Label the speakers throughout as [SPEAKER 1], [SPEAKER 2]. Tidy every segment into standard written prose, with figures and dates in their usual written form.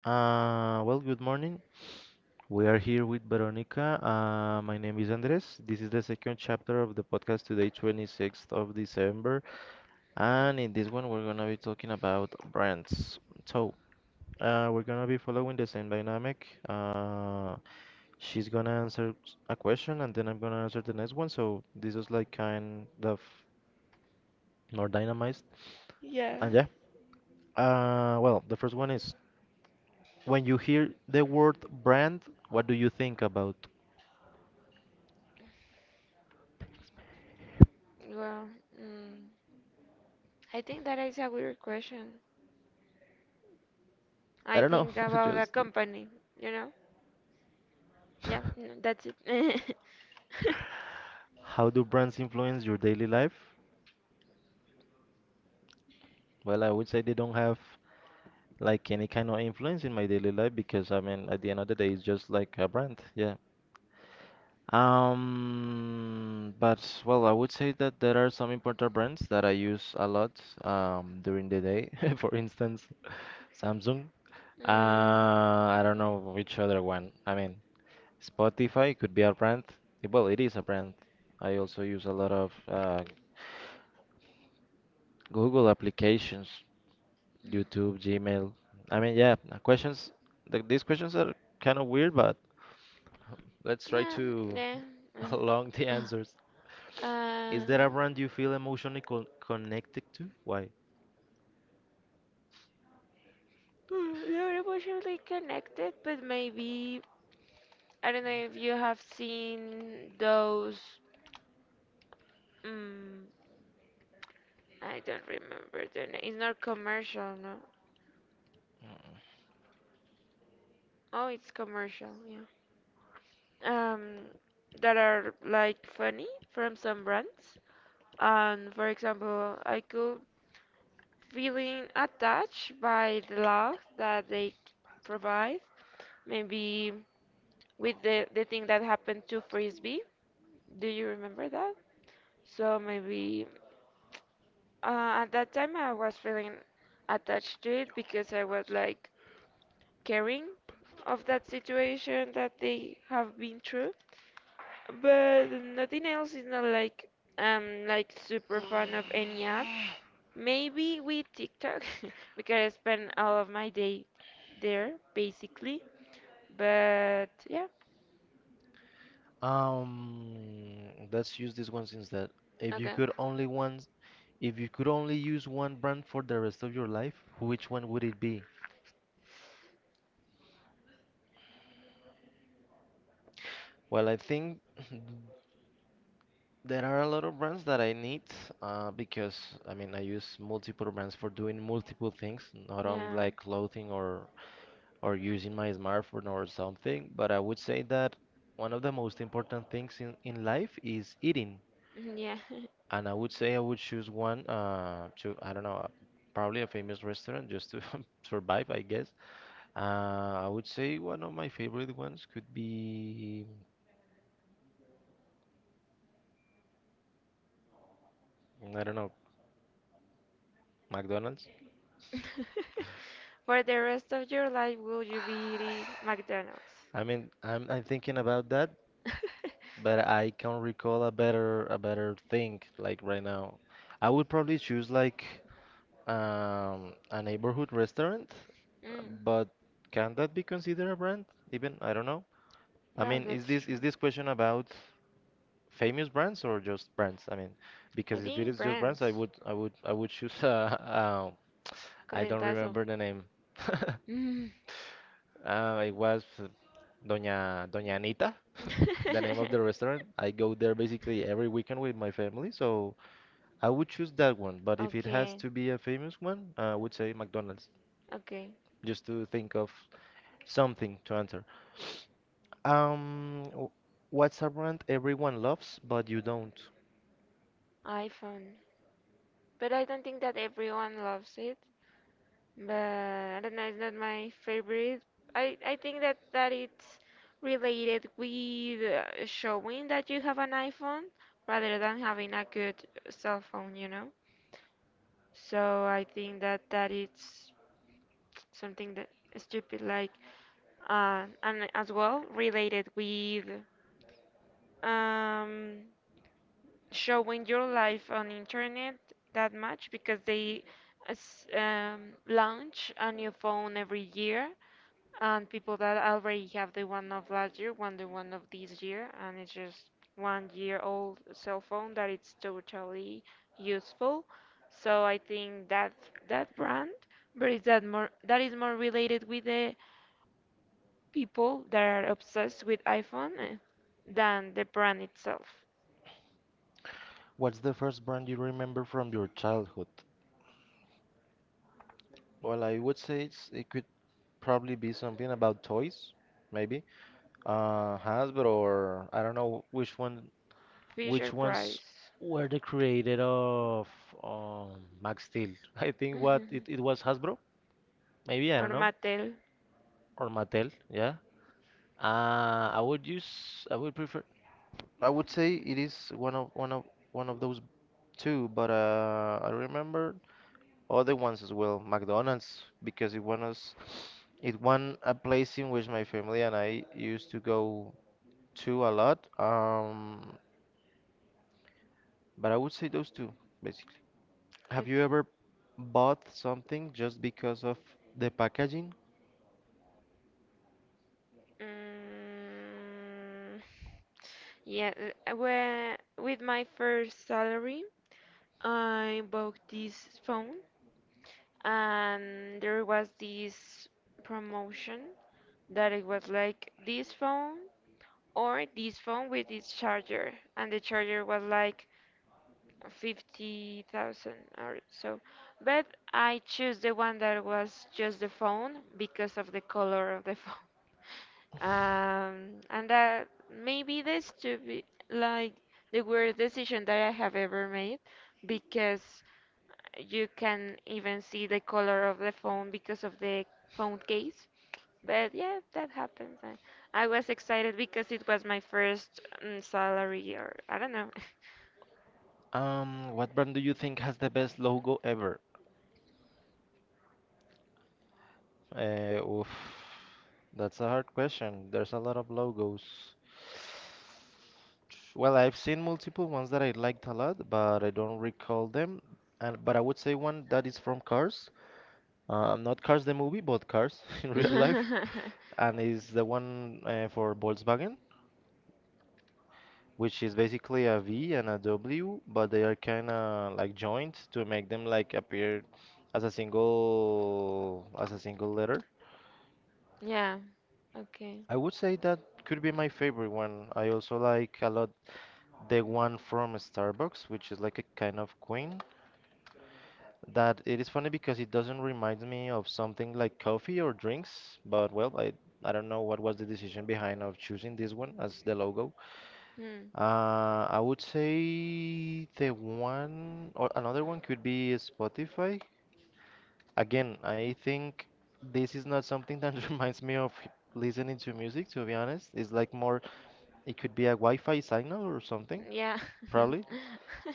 [SPEAKER 1] Good morning. We are here with Veronica. My name is Andres. This is the second chapter of the podcast today, 26th of December. And in this one, we're going to be talking about brands. So, we're going to be following the same dynamic. She's going to answer a question, and then I'm going to answer the next one. So, this is like kind of more dynamized.
[SPEAKER 2] Yeah.
[SPEAKER 1] And yeah, the first one is, when you hear the word brand, what do you think about?
[SPEAKER 2] Well, mm, I think that is a weird question. I
[SPEAKER 1] I don't know,
[SPEAKER 2] think about a
[SPEAKER 1] just
[SPEAKER 2] company, you know? Yeah, no, that's it.
[SPEAKER 1] how do brands influence your daily life? Well, I would say they don't have like any kind of influence in my daily life because I mean, at the end of the day, it's just like a brand, yeah. But well, I would say that there are some important brands that I use a lot during the day. For instance, Samsung.
[SPEAKER 2] Mm.
[SPEAKER 1] I don't know which other one. I mean, Spotify could be a brand. Well, it is a brand. I also use a lot of Google applications, YouTube, Gmail. I mean, yeah, questions. Th these questions are kind of weird, but let's try
[SPEAKER 2] Yeah,
[SPEAKER 1] to
[SPEAKER 2] yeah.
[SPEAKER 1] along the
[SPEAKER 2] Uh,
[SPEAKER 1] answers.
[SPEAKER 2] uh,
[SPEAKER 1] Is there a brand you feel emotionally connected to? Why?
[SPEAKER 2] They're emotionally connected, but maybe I don't know if you have seen those. Mm, I don't remember the name. It's not commercial, no. Oh, it's commercial. Yeah. um, that are like funny from some brands. And for example, I could feeling attached by the love that they provide. Maybe with the thing that happened to Frisbee. Do you remember that? So maybe at that time I was feeling attached to it because I was like caring of that situation that they have been through. But nothing else is not like I'm like super fan of any app. Maybe with TikTok because I spend all of my day there basically. But yeah,
[SPEAKER 1] Let's use this one since that if you
[SPEAKER 2] okay.
[SPEAKER 1] could only once, if you could only use one brand for the rest of your life, which one would it be? Well, I think there are a lot of brands that I need because I mean I use multiple brands for doing multiple things, not only
[SPEAKER 2] Yeah,
[SPEAKER 1] like clothing or using my smartphone or something. But I would say that one of the most important things in life is eating,
[SPEAKER 2] yeah.
[SPEAKER 1] and I would say I would choose one to I don't know probably a famous restaurant just to survive, I guess. I would say one of my favorite ones could be, I don't know, McDonald's.
[SPEAKER 2] For the rest of your life, will you be eating McDonald's?
[SPEAKER 1] I mean, I'm thinking about that, but I can't recall a better thing like right now. I would probably choose like a neighborhood restaurant,
[SPEAKER 2] mm,
[SPEAKER 1] but can that be considered a brand? Even I don't know. I
[SPEAKER 2] well,
[SPEAKER 1] mean, is
[SPEAKER 2] that's
[SPEAKER 1] this
[SPEAKER 2] true.
[SPEAKER 1] is this question about famous brands or just brands? I mean,
[SPEAKER 2] I
[SPEAKER 1] because if it
[SPEAKER 2] think
[SPEAKER 1] is just brands, I
[SPEAKER 2] brands.
[SPEAKER 1] would I would I would choose I don't
[SPEAKER 2] Correntazo.
[SPEAKER 1] remember the name.
[SPEAKER 2] Mm.
[SPEAKER 1] It was. Doña Anita, the name of the restaurant. I go there basically every weekend with my family, so I would choose that one. But if it has
[SPEAKER 2] Okay,
[SPEAKER 1] to be a famous one, I would say McDonald's,
[SPEAKER 2] okay.
[SPEAKER 1] just to think of something to answer. Um, w- what's a brand everyone loves but you don't?
[SPEAKER 2] iPhone. But I don't think that everyone loves it. But I don't know. It's not my favorite. I think that it's related with showing that you have an iPhone rather than having a good cell phone. So I think that it's something that stupid like and as well related with um showing your life on internet that much because they launch a new phone every year and people that already have the one of last year want the one of this year and it's just 1 year old cell phone that it's totally useful. So I think that that brand, but is that is more related with the people that are obsessed with iPhone than the brand itself.
[SPEAKER 1] What's the first brand you remember from your childhood? Well, I would say it could probably be something about toys, maybe. Hasbro, or I don't know which one,
[SPEAKER 2] Fisher
[SPEAKER 1] which ones
[SPEAKER 2] Price.
[SPEAKER 1] were the creator of Max? I think
[SPEAKER 2] Mhm.
[SPEAKER 1] it was Hasbro, maybe I
[SPEAKER 2] Or
[SPEAKER 1] don't know,
[SPEAKER 2] Mattel.
[SPEAKER 1] or Mattel. Yeah. I would use. I would prefer. I would say it is one of those two, but I remember other ones as well. McDonald's because it was it won a place in which my family and I used to go to a lot. But I would say those two basically.
[SPEAKER 2] Okay.
[SPEAKER 1] Have you ever bought something just because of the packaging?
[SPEAKER 2] Mm, yeah, uh, whe- with my first salary, I bought this phone, and there was this promotion that it was like this phone or this phone with this charger, and the charger was like 50,000 or so. But I choose the one that was just the phone because of the color of the phone. And that maybe this to be like the worst decision that I have ever made because you can even see the color of the phone because of the phone case. But yeah, that happens. I was excited because it was my first salary, or I don't know.
[SPEAKER 1] What brand do you think has the best logo ever? Uh, oof, that's a hard question. There's a lot of logos. Well, I've seen multiple ones that I liked a lot, but I don't recall them. And but I would say one that is from Cars, not Cars the movie, but Cars in real life, and is the one for Volkswagen, which is basically a V and a W, but they are kind of like joined to make them like appear as a single letter.
[SPEAKER 2] Yeah. Okay.
[SPEAKER 1] I would say that could be my favorite one. I also like a lot the one from Starbucks, which is like a kind of queen. That it is funny because it doesn't remind me of something like coffee or drinks, but well, I don't know what was the decision behind of choosing this one as the logo.
[SPEAKER 2] Hmm.
[SPEAKER 1] I would say the one, or another one could be Spotify. Again, I think this is not something that reminds me of listening to music, to be honest. It's like more, it could be a Wi-Fi signal or something,
[SPEAKER 2] Yeah.
[SPEAKER 1] probably.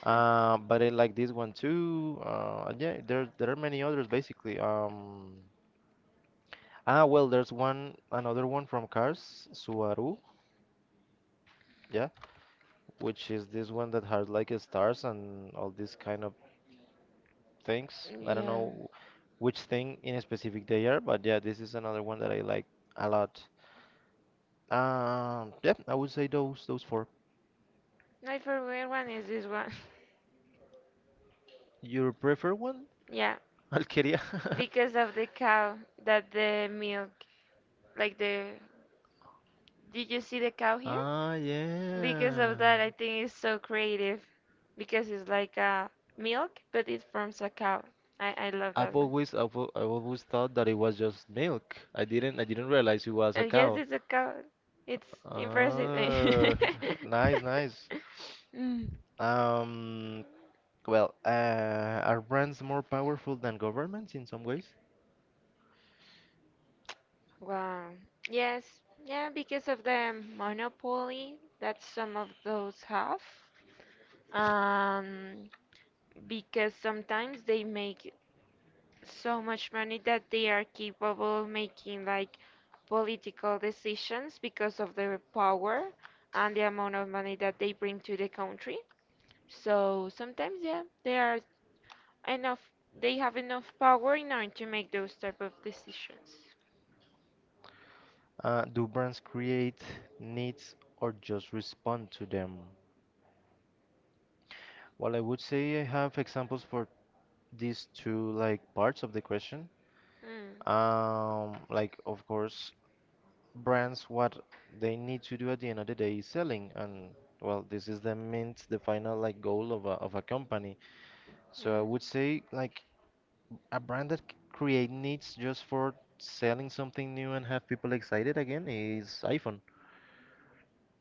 [SPEAKER 1] But I like this one too. And yeah, there are many others basically. There's one another one from Cars, Subaru. Yeah, which is this one that has like stars and all this kind of things. I don't
[SPEAKER 2] Yeah.
[SPEAKER 1] know which thing in specific they are, but yeah, this is another one that I like a lot. Yeah, I would say those four.
[SPEAKER 2] My favorite one is this one.
[SPEAKER 1] Your preferred one,
[SPEAKER 2] Yeah.
[SPEAKER 1] Alqueria?
[SPEAKER 2] Because of the cow that the milk, like the. Did you see the cow here?
[SPEAKER 1] Ah,
[SPEAKER 2] Because
[SPEAKER 1] yeah.
[SPEAKER 2] of that, I think it's so creative. Because it's like a milk, but it forms a cow. I love
[SPEAKER 1] I've
[SPEAKER 2] that one.
[SPEAKER 1] always I've, al- I've always thought that it was just milk. I didn't realize it was a
[SPEAKER 2] And yes,
[SPEAKER 1] cow.
[SPEAKER 2] it's a cow. It's impressive.
[SPEAKER 1] Ah, nice, nice.
[SPEAKER 2] Mm,
[SPEAKER 1] Um, are brands more powerful than governments in some ways?
[SPEAKER 2] wow. Yes. Yeah, because of the monopoly that some of those have. Um, because sometimes they make so much money that they are capable of making like political decisions because of their power and the amount of money that they bring to the country. So sometimes, yeah, they are enough. They have enough power in order to make those type of decisions.
[SPEAKER 1] Do brands create needs or just respond to them? Well, I would say I have examples for these two like parts of the question.
[SPEAKER 2] Mm.
[SPEAKER 1] Like of course, brands what they need to do at the end of the day is selling, and well, this is the mint, the final like goal of a company. So I
[SPEAKER 2] Mm.
[SPEAKER 1] would say like a brand that create needs just for selling something new and have people excited again is iPhone.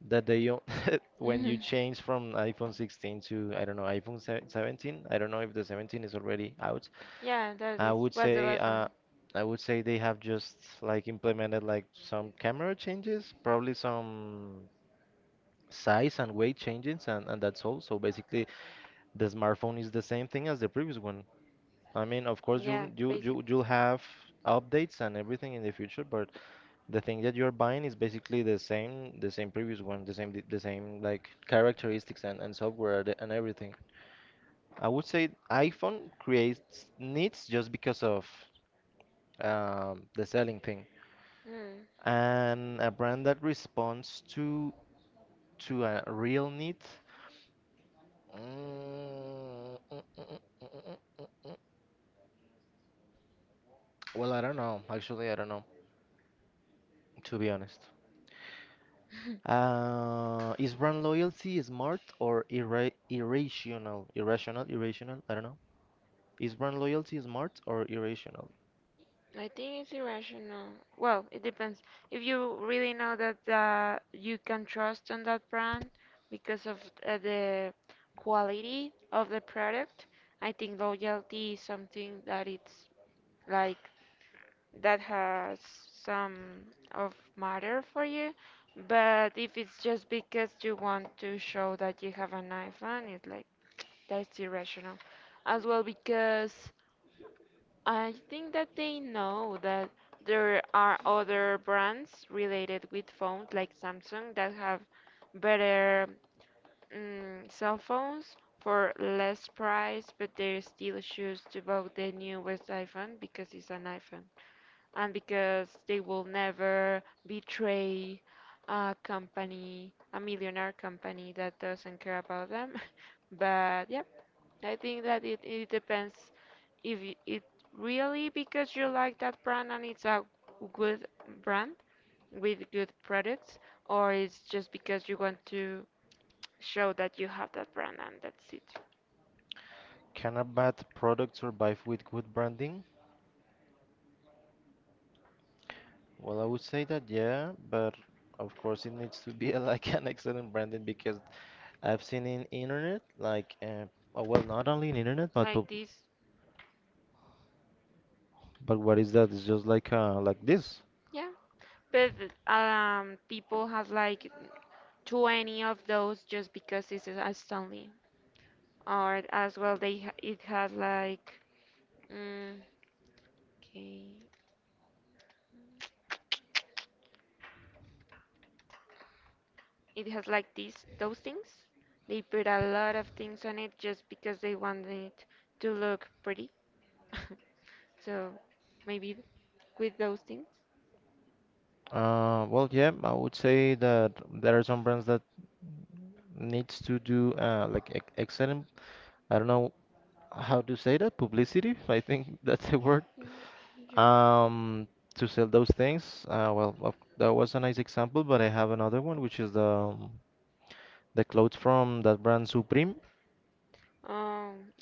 [SPEAKER 1] That they when you change from iPhone 16 to I don't know iPhone 17. I don't know if the 17 is already out.
[SPEAKER 2] Yeah, that
[SPEAKER 1] I
[SPEAKER 2] is
[SPEAKER 1] would
[SPEAKER 2] was the
[SPEAKER 1] say
[SPEAKER 2] last one.
[SPEAKER 1] they have just like implemented like some camera changes, probably some size and weight changes, and that's all. So basically, the smartphone is the same thing as the previous one. I mean, of course,
[SPEAKER 2] Yeah,
[SPEAKER 1] you'll you you
[SPEAKER 2] basically.
[SPEAKER 1] you'll have updates and everything in the future, but the thing that you're buying is basically the same previous one, the same like characteristics and software and everything. I would say iPhone creates needs just because of the selling thing,
[SPEAKER 2] Mm.
[SPEAKER 1] and a brand that responds to a real need. Mm, mm, mm, mm, mm, mm, mm, mm. mm. Well, I don't know. Actually, I don't know, to be honest. Is brand loyalty smart or irrational? I don't know. Is brand loyalty smart or irrational?
[SPEAKER 2] I think it's irrational. Well, it depends. If you really know that you can trust on that brand because of the quality of the product, I think loyalty is something that it's like that has some of matter for you. But if it's just because you want to show that you have an iPhone, it's like that's irrational as well because I think that they know that there are other brands related with phones like Samsung that have better cell phones for less price, but they still choose to buy the newest iPhone because it's an iPhone and because they will never betray a company, a millionaire company that doesn't care about them. But yeah, I think that it depends if it really because you like that brand and it's a good brand with good products, or it's just because you want to show that you have that brand and that's it.
[SPEAKER 1] Can a bad product survive with good branding? Well, I would say that yeah, but of course it needs to be like an excellent branding because I've seen in internet like oh, well not only in internet
[SPEAKER 2] Like this,
[SPEAKER 1] but what is that? It's just like this.
[SPEAKER 2] yeah. But people has like 20 of those just because it's a Stanley, or as well they it has like mm, okay. It has like these those things. They put a lot of things on it just because they want it to look pretty. So maybe with those things.
[SPEAKER 1] Yeah, I would say that there are some brands that needs to do like excellent I don't know how to say that, publicity, I think that's the word,
[SPEAKER 2] Mm, yeah.
[SPEAKER 1] um, to sell those things. That was a nice example, but I have another one, which is the clothes from that brand Supreme,
[SPEAKER 2] Um,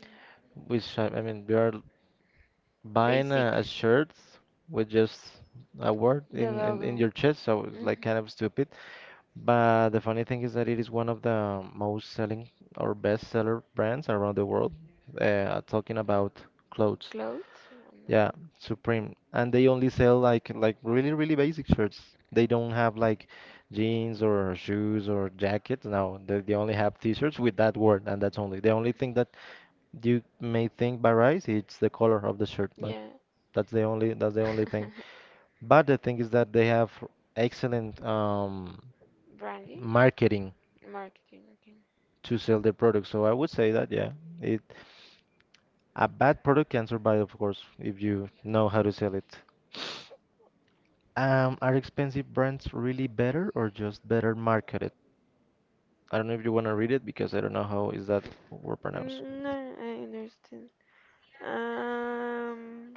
[SPEAKER 1] which I mean, you are buying a
[SPEAKER 2] basic.
[SPEAKER 1] shirt with just a word
[SPEAKER 2] The
[SPEAKER 1] in
[SPEAKER 2] logo.
[SPEAKER 1] your chest, so it's
[SPEAKER 2] Mhm.
[SPEAKER 1] like kind of stupid. But the funny thing is that it is one of the most selling or best seller brands around the world, talking about clothes.
[SPEAKER 2] Clothes. Oh my
[SPEAKER 1] Yeah,
[SPEAKER 2] God.
[SPEAKER 1] Supreme. And they only sell like really, really basic shirts. They don't have like jeans or shoes or jackets. No, they only have t-shirts with that word, and that's only. The only thing that you may think varies, it's the color of the shirt, but
[SPEAKER 2] Yeah.
[SPEAKER 1] that's the only thing. But the thing is that they have excellent
[SPEAKER 2] Branding,
[SPEAKER 1] marketing
[SPEAKER 2] marketing. Okay.
[SPEAKER 1] to sell their product. So I would say that yeah, it a bad product can survive, of course, if you know how to sell it. Are expensive brands really better or just better marketed? I don't know if you want to read it because I don't know how is that word pronounced.
[SPEAKER 2] Mm, no, I understand. Um,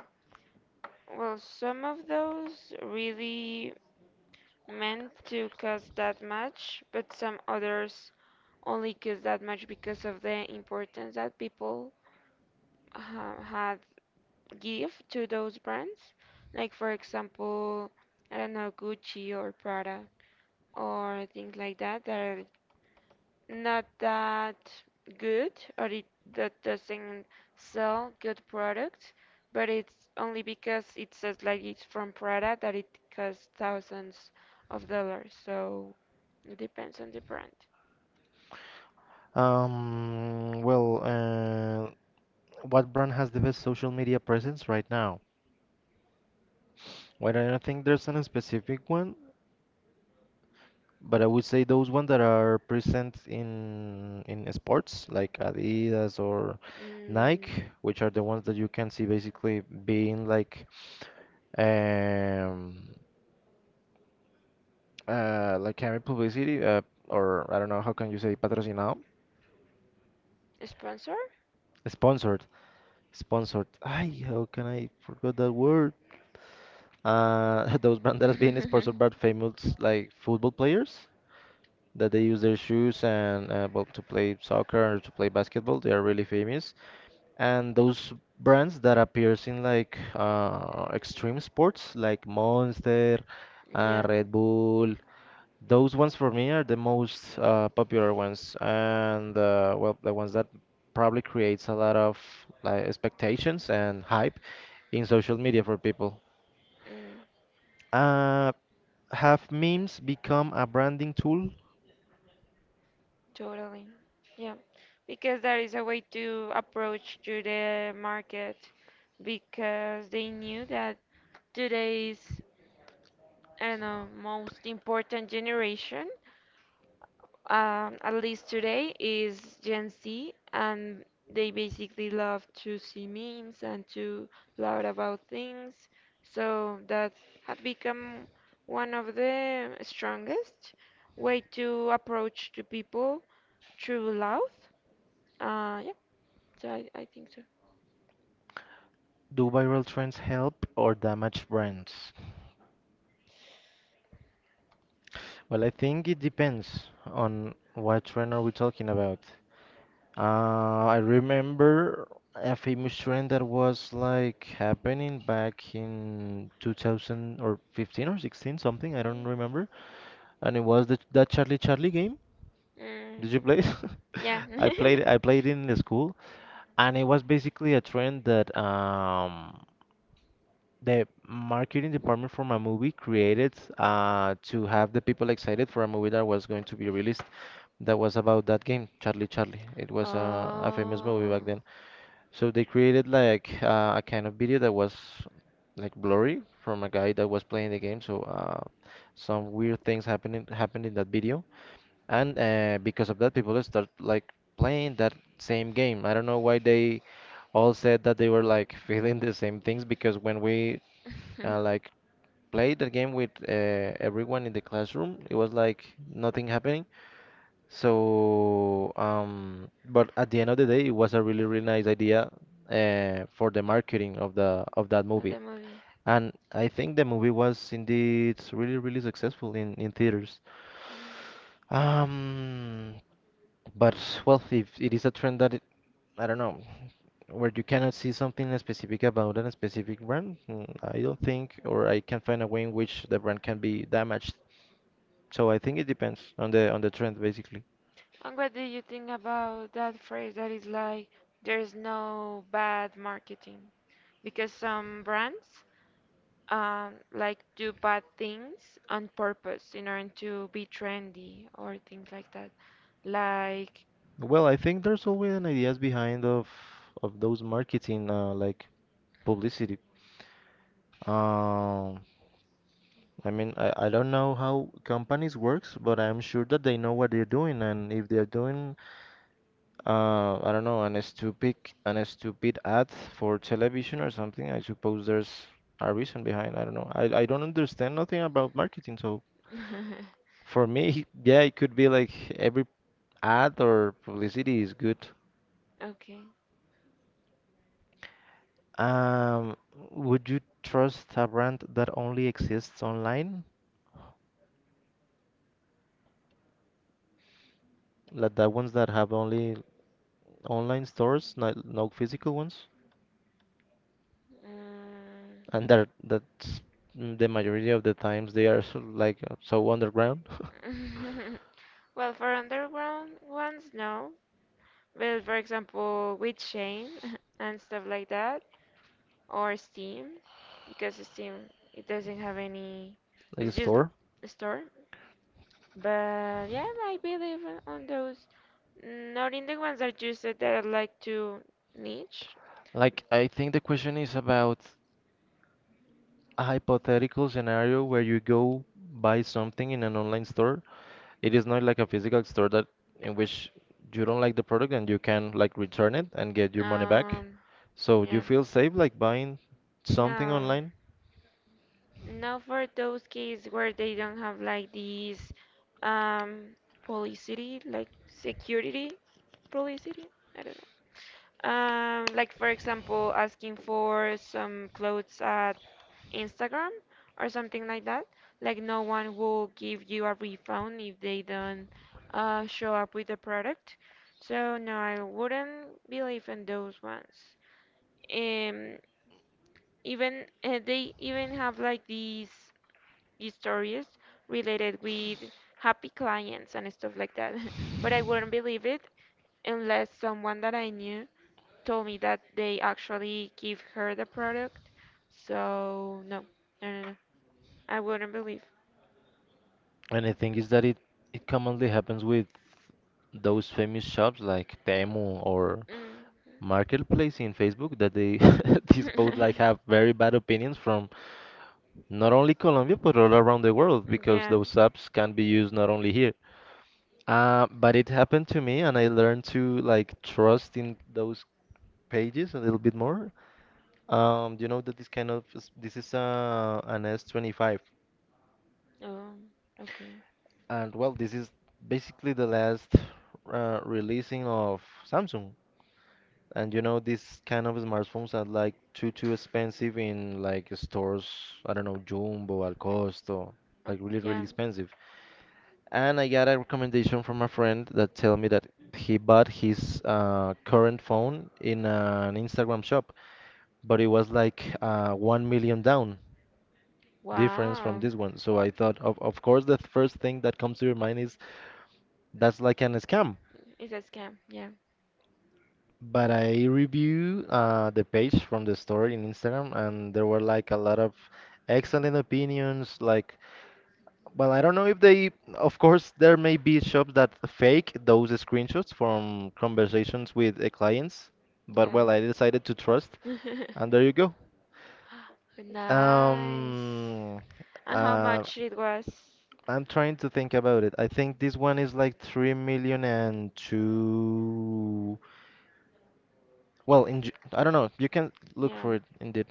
[SPEAKER 2] well, some of those really meant to cost that much, but some others only cost that much because of the importance that people ha had give to those brands. Like for example, I don't know, Gucci or Prada or things like that that are not that good or it that doesn't sell good products, but it's only because it says like it's from Prada that it costs thousands of dollars. So it depends on the brand.
[SPEAKER 1] Um, well, uh, what brand has the best social media presence right now? Well, I don't think there's a specific one, but I would say those ones that are present in sports like Adidas or
[SPEAKER 2] Mm,
[SPEAKER 1] Nike, which are the ones that you can see basically being um like having publicity, or I don't know, how can you say patrocinado?
[SPEAKER 2] sponsor?
[SPEAKER 1] Sponsored, sponsored. Ay, how can I forgot that word? Those banderas being sponsored by famous like football players that they use their shoes and well to play soccer or to play basketball. They are really famous, and those brands that appears in like extreme sports like Monster,
[SPEAKER 2] Yeah.
[SPEAKER 1] Red Bull. Those ones for me are the most popular ones, and well, the ones that probably creates a lot of like expectations and hype in social media for people.
[SPEAKER 2] Mm.
[SPEAKER 1] Uh, have memes become a branding tool?
[SPEAKER 2] Totally. Yeah. Because that is a way to approach to the market because they knew that today's, I don't know, most important generation, at least today, is Gen Z, and they basically love to see memes and to learn about things. So that had become one of the strongest way to approach to people through love, yeah. So I think so.
[SPEAKER 1] Do viral trends help or damage brands? Well, I think it depends on what trend are we talking about. I remember a famous trend that was like happening back in 2000 or 15 or 16, something, I don't remember. And it was the that Charlie Charlie game. Did you
[SPEAKER 2] Hmm.
[SPEAKER 1] play it?
[SPEAKER 2] Yeah.
[SPEAKER 1] I played it in the school, and it was basically a trend that the marketing department from a movie created to have the people excited for a movie that was going to be released that was about that game, Charlie Charlie. It was a famous movie
[SPEAKER 2] Oh.
[SPEAKER 1] back then. So they created like a kind of video that was like blurry from a guy that was playing the game. So some weird things happening happened in that video, and because of that, people start like playing that same game. I don't know why they all said that they were like feeling the same things because when we like played the game with everyone in the classroom, it was like nothing happening. So, but at the end of the day, it was a really, really nice idea for the marketing of the of that
[SPEAKER 2] Of
[SPEAKER 1] movie.
[SPEAKER 2] the movie.
[SPEAKER 1] And I think the movie was indeed really, really successful in theaters.
[SPEAKER 2] Mm.
[SPEAKER 1] Um, but well, if it is a trend that I don't know, where you cannot see something specific about a specific brand, I don't think, or I can find a way in which the brand can be damaged. So I think it depends on the trend, basically.
[SPEAKER 2] And what do you think about that phrase that is like, there's no bad marketing? Because some brands like do bad things on purpose in order to be trendy or things like that. Like,
[SPEAKER 1] Well, I think there's always an ideas behind of those marketing like publicity. Um, I mean, I don't know how companies works, but I'm sure that they know what they're doing, and if they're doing, I don't know, an stupid ad for television or something, I suppose there's a reason behind. I don't know. I don't understand nothing about marketing, so for me, yeah, it could be like every ad or publicity is good.
[SPEAKER 2] okay.
[SPEAKER 1] Um, would you trust a brand that only exists online? Like the ones that have only online stores, not no physical ones? And that's the majority of the times they are sort like so underground,
[SPEAKER 2] Mm. Well, for underground ones, no. Well, for example, with Chain and stuff like that, or Steam, because Steam it doesn't have any.
[SPEAKER 1] like a
[SPEAKER 2] It's just
[SPEAKER 1] store.
[SPEAKER 2] a store. But yeah, I believe on those. Not in the ones that you said that I like to niche.
[SPEAKER 1] Like I think the question is about a hypothetical scenario where you go buy something in an online store. It is not like a physical store that in which you don't like the product and you can like return it and get your money back.
[SPEAKER 2] Um,
[SPEAKER 1] So do you
[SPEAKER 2] yeah.
[SPEAKER 1] feel safe like buying something
[SPEAKER 2] No.
[SPEAKER 1] online?
[SPEAKER 2] Now for those cases where they don't have like these um publicity, like security publicity, I don't know. Like for example, asking for some clothes at Instagram or something like that. Like no one will give you a refund if they don't show up with the product. So no, I wouldn't believe in those ones. Um, even they even have like these stories related with happy clients and stuff like that. But I wouldn't believe it unless someone that I knew told me that they actually give her the product. So no, no, no, no. I wouldn't believe.
[SPEAKER 1] And the thing is that it commonly happens with those famous shops like Temu or
[SPEAKER 2] Mm.
[SPEAKER 1] Marketplace in Facebook that they these both like have very bad opinions from not only Colombia but all around the world because
[SPEAKER 2] Yeah.
[SPEAKER 1] those apps can be used not only here. But it happened to me and I learned to like trust in those pages a little bit more. You know that this kind of this is an S25.
[SPEAKER 2] Oh, okay.
[SPEAKER 1] And well, this is basically the last releasing of Samsung. And you know, these kind of smartphones are like too expensive in like stores. I don't know, Jumbo, Al Costo,
[SPEAKER 2] Oh,
[SPEAKER 1] like really really
[SPEAKER 2] yeah.
[SPEAKER 1] expensive. And I got a recommendation from a friend that tell me that he bought his current phone in an Instagram shop, but it was like 1 million down difference from
[SPEAKER 2] Wow.
[SPEAKER 1] this one. So I thought, of course, the first thing that comes to your mind is that's like an scam.
[SPEAKER 2] It's a scam. Yeah.
[SPEAKER 1] But I review the page from the store in Instagram, and there were like a lot of excellent opinions. Like, well, I don't know if they, of course, there may be shops that fake those screenshots from conversations with clients. But
[SPEAKER 2] Yeah.
[SPEAKER 1] well, I decided to trust, and there you go.
[SPEAKER 2] Nice.
[SPEAKER 1] Um,
[SPEAKER 2] And how
[SPEAKER 1] uh,
[SPEAKER 2] much it was?
[SPEAKER 1] I'm trying to think about it. I think this one is like three million and two. Well, I don't know. You can look
[SPEAKER 2] Yeah.
[SPEAKER 1] for it indeed.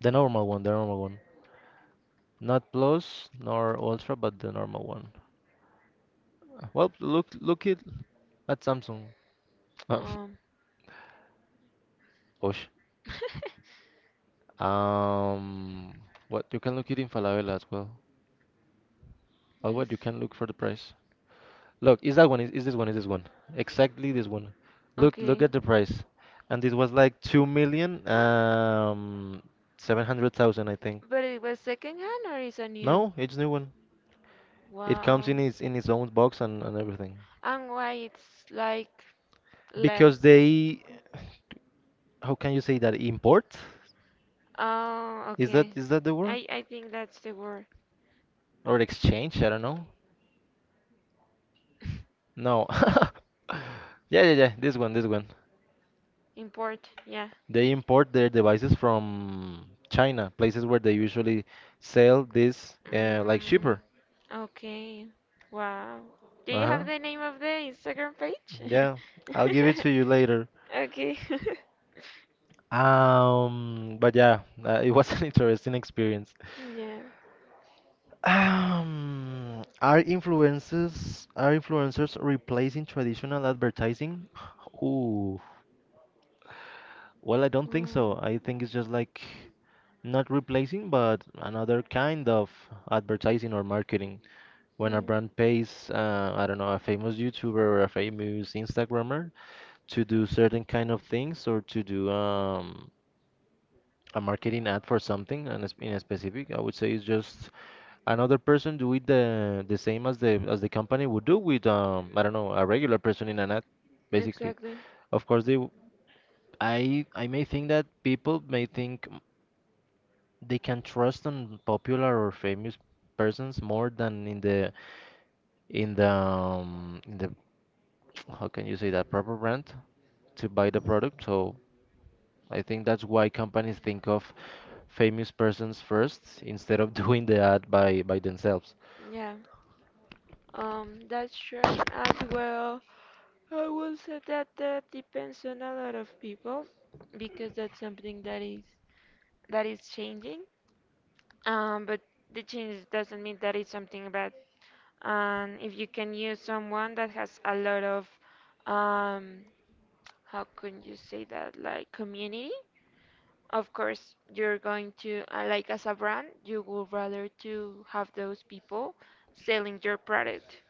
[SPEAKER 1] The normal one, the normal one. Not Plus nor Ultra, but the normal one. Well, look it at Samsung. Uh,
[SPEAKER 2] Um.
[SPEAKER 1] Osh. Um, what you can look it in Falabella as well. Or
[SPEAKER 2] Yes.
[SPEAKER 1] what you can look for the price. Look, is that one? Is this one? Is this one? Exactly this one. Look
[SPEAKER 2] Okay.
[SPEAKER 1] at the price. And it was like 2 million 700,000, I think.
[SPEAKER 2] But it was second hand or is a new?
[SPEAKER 1] No, it's new one. It comes
[SPEAKER 2] Wow.
[SPEAKER 1] in its own box and, everything.
[SPEAKER 2] And why it's like
[SPEAKER 1] Because
[SPEAKER 2] less?
[SPEAKER 1] they, how can you say that import?
[SPEAKER 2] Oh, okay.
[SPEAKER 1] Is that the word?
[SPEAKER 2] I think that's the word.
[SPEAKER 1] Or exchange? I don't know. No. yeah, yeah, yeah. This one, this one.
[SPEAKER 2] Import. Yeah.
[SPEAKER 1] They import their devices from China, places where they usually sell this like
[SPEAKER 2] Mm,
[SPEAKER 1] cheaper.
[SPEAKER 2] okay. Wow. Do you
[SPEAKER 1] Uh-huh.
[SPEAKER 2] have the name of the Instagram page?
[SPEAKER 1] Yeah, I'll give it to you later.
[SPEAKER 2] Okay.
[SPEAKER 1] But yeah, it was an interesting experience.
[SPEAKER 2] Yeah.
[SPEAKER 1] Are influencers replacing traditional advertising? Ooh, well, I don't think
[SPEAKER 2] Wow.
[SPEAKER 1] so. I think it's just like not replacing, but another kind of advertising or marketing. When a
[SPEAKER 2] Mm,
[SPEAKER 1] brand pays, I don't know, a famous YouTuber or a famous Instagrammer to do certain kind of things or to do a marketing ad for something and in a specific, I would say it's just another person do it the same as the company would do with I don't know a regular person in an ad, basically.
[SPEAKER 2] exactly.
[SPEAKER 1] Of course, I may think that people may think m- they can trust on popular or famous persons more than in the in the how can you say that proper brand to buy the product. So I think that's why companies think of famous persons first instead of doing the ad by themselves.
[SPEAKER 2] Yeah. That's true as well. I will say that that depends on a lot of people because that's something that is changing. But the change doesn't mean that it's something bad. And if you can use someone that has a lot of um, how can you say that like community of course you're going to like as a brand you would rather to have those people selling your product.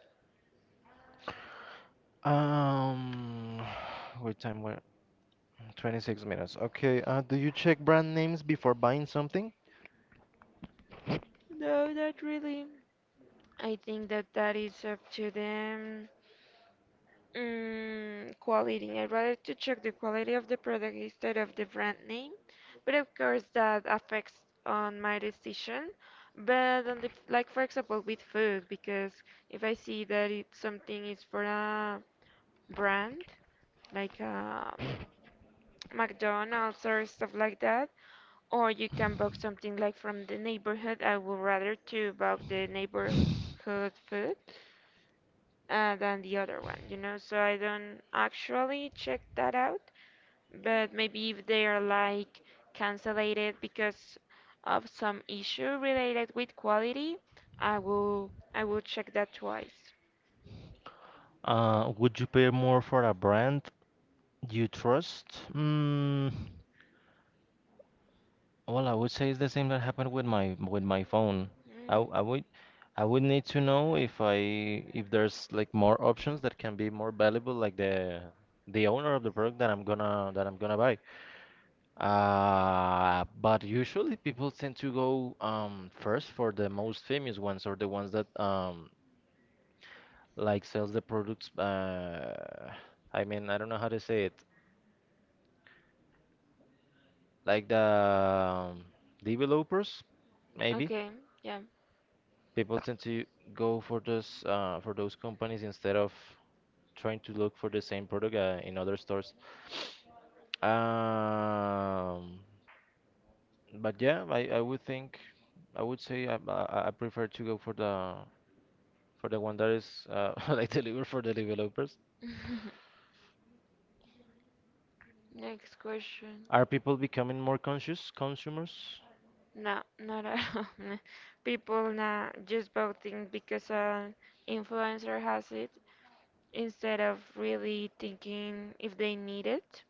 [SPEAKER 1] Um, what time where 26 minutes. Okay. Do you check brand names before buying something?
[SPEAKER 2] No, not really. I think that that is up to them. Quality. I'd rather to check the quality of the product instead of the brand name, but of course that affects on my decision. But on the like for example with food, because if I see that it something is for a brand like McDonald's or stuff like that, or you can buy something like from the neighborhood, I would rather to buy the neighborhood food than the other one. So I don't actually check that out. But maybe if they are like canceled because of some issue related with quality, I will check that twice.
[SPEAKER 1] Would you pay more for a brand you trust? Mm, well, I would say it's the same that happened with my phone. I,
[SPEAKER 2] Mm.
[SPEAKER 1] w- I would I would need to know if there's like more options that can be more valuable, like the owner of the product that I'm gonna buy. But usually people tend to go first for the most famous ones or the ones that like sells the products I mean I don't know how to say it like the developers maybe
[SPEAKER 2] Okay, yeah.
[SPEAKER 1] people tend to go for those companies instead of trying to look for the same product in other stores um but yeah I would think I would say I prefer to go for the one that is like delivered for the developers
[SPEAKER 2] Next question.
[SPEAKER 1] are people becoming more conscious consumers
[SPEAKER 2] No, not at all. People now just voting because an influencer has it, instead of really thinking if they need it.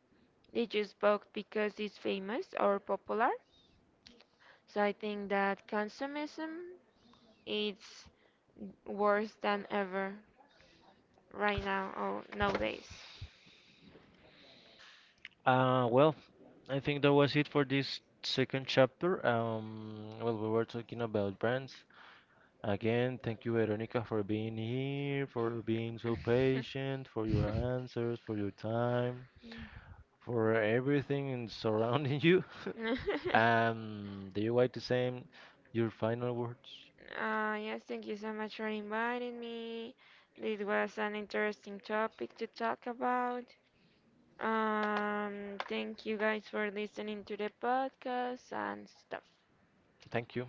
[SPEAKER 2] They just bought because it's famous or popular. So I think that consumerism is worse than ever right now or nowadays.
[SPEAKER 1] well, I think that was it for this second chapter. Well, we were talking about brands. Again, thank you, Veronica, for being here, for being so patient, for your answers, for your time, for everything surrounding you. Do you like to say your final words?
[SPEAKER 2] Yes, thank you so much for inviting me. It was an interesting topic to talk about. Thank you guys for listening to the podcast and stuff.
[SPEAKER 1] Thank you.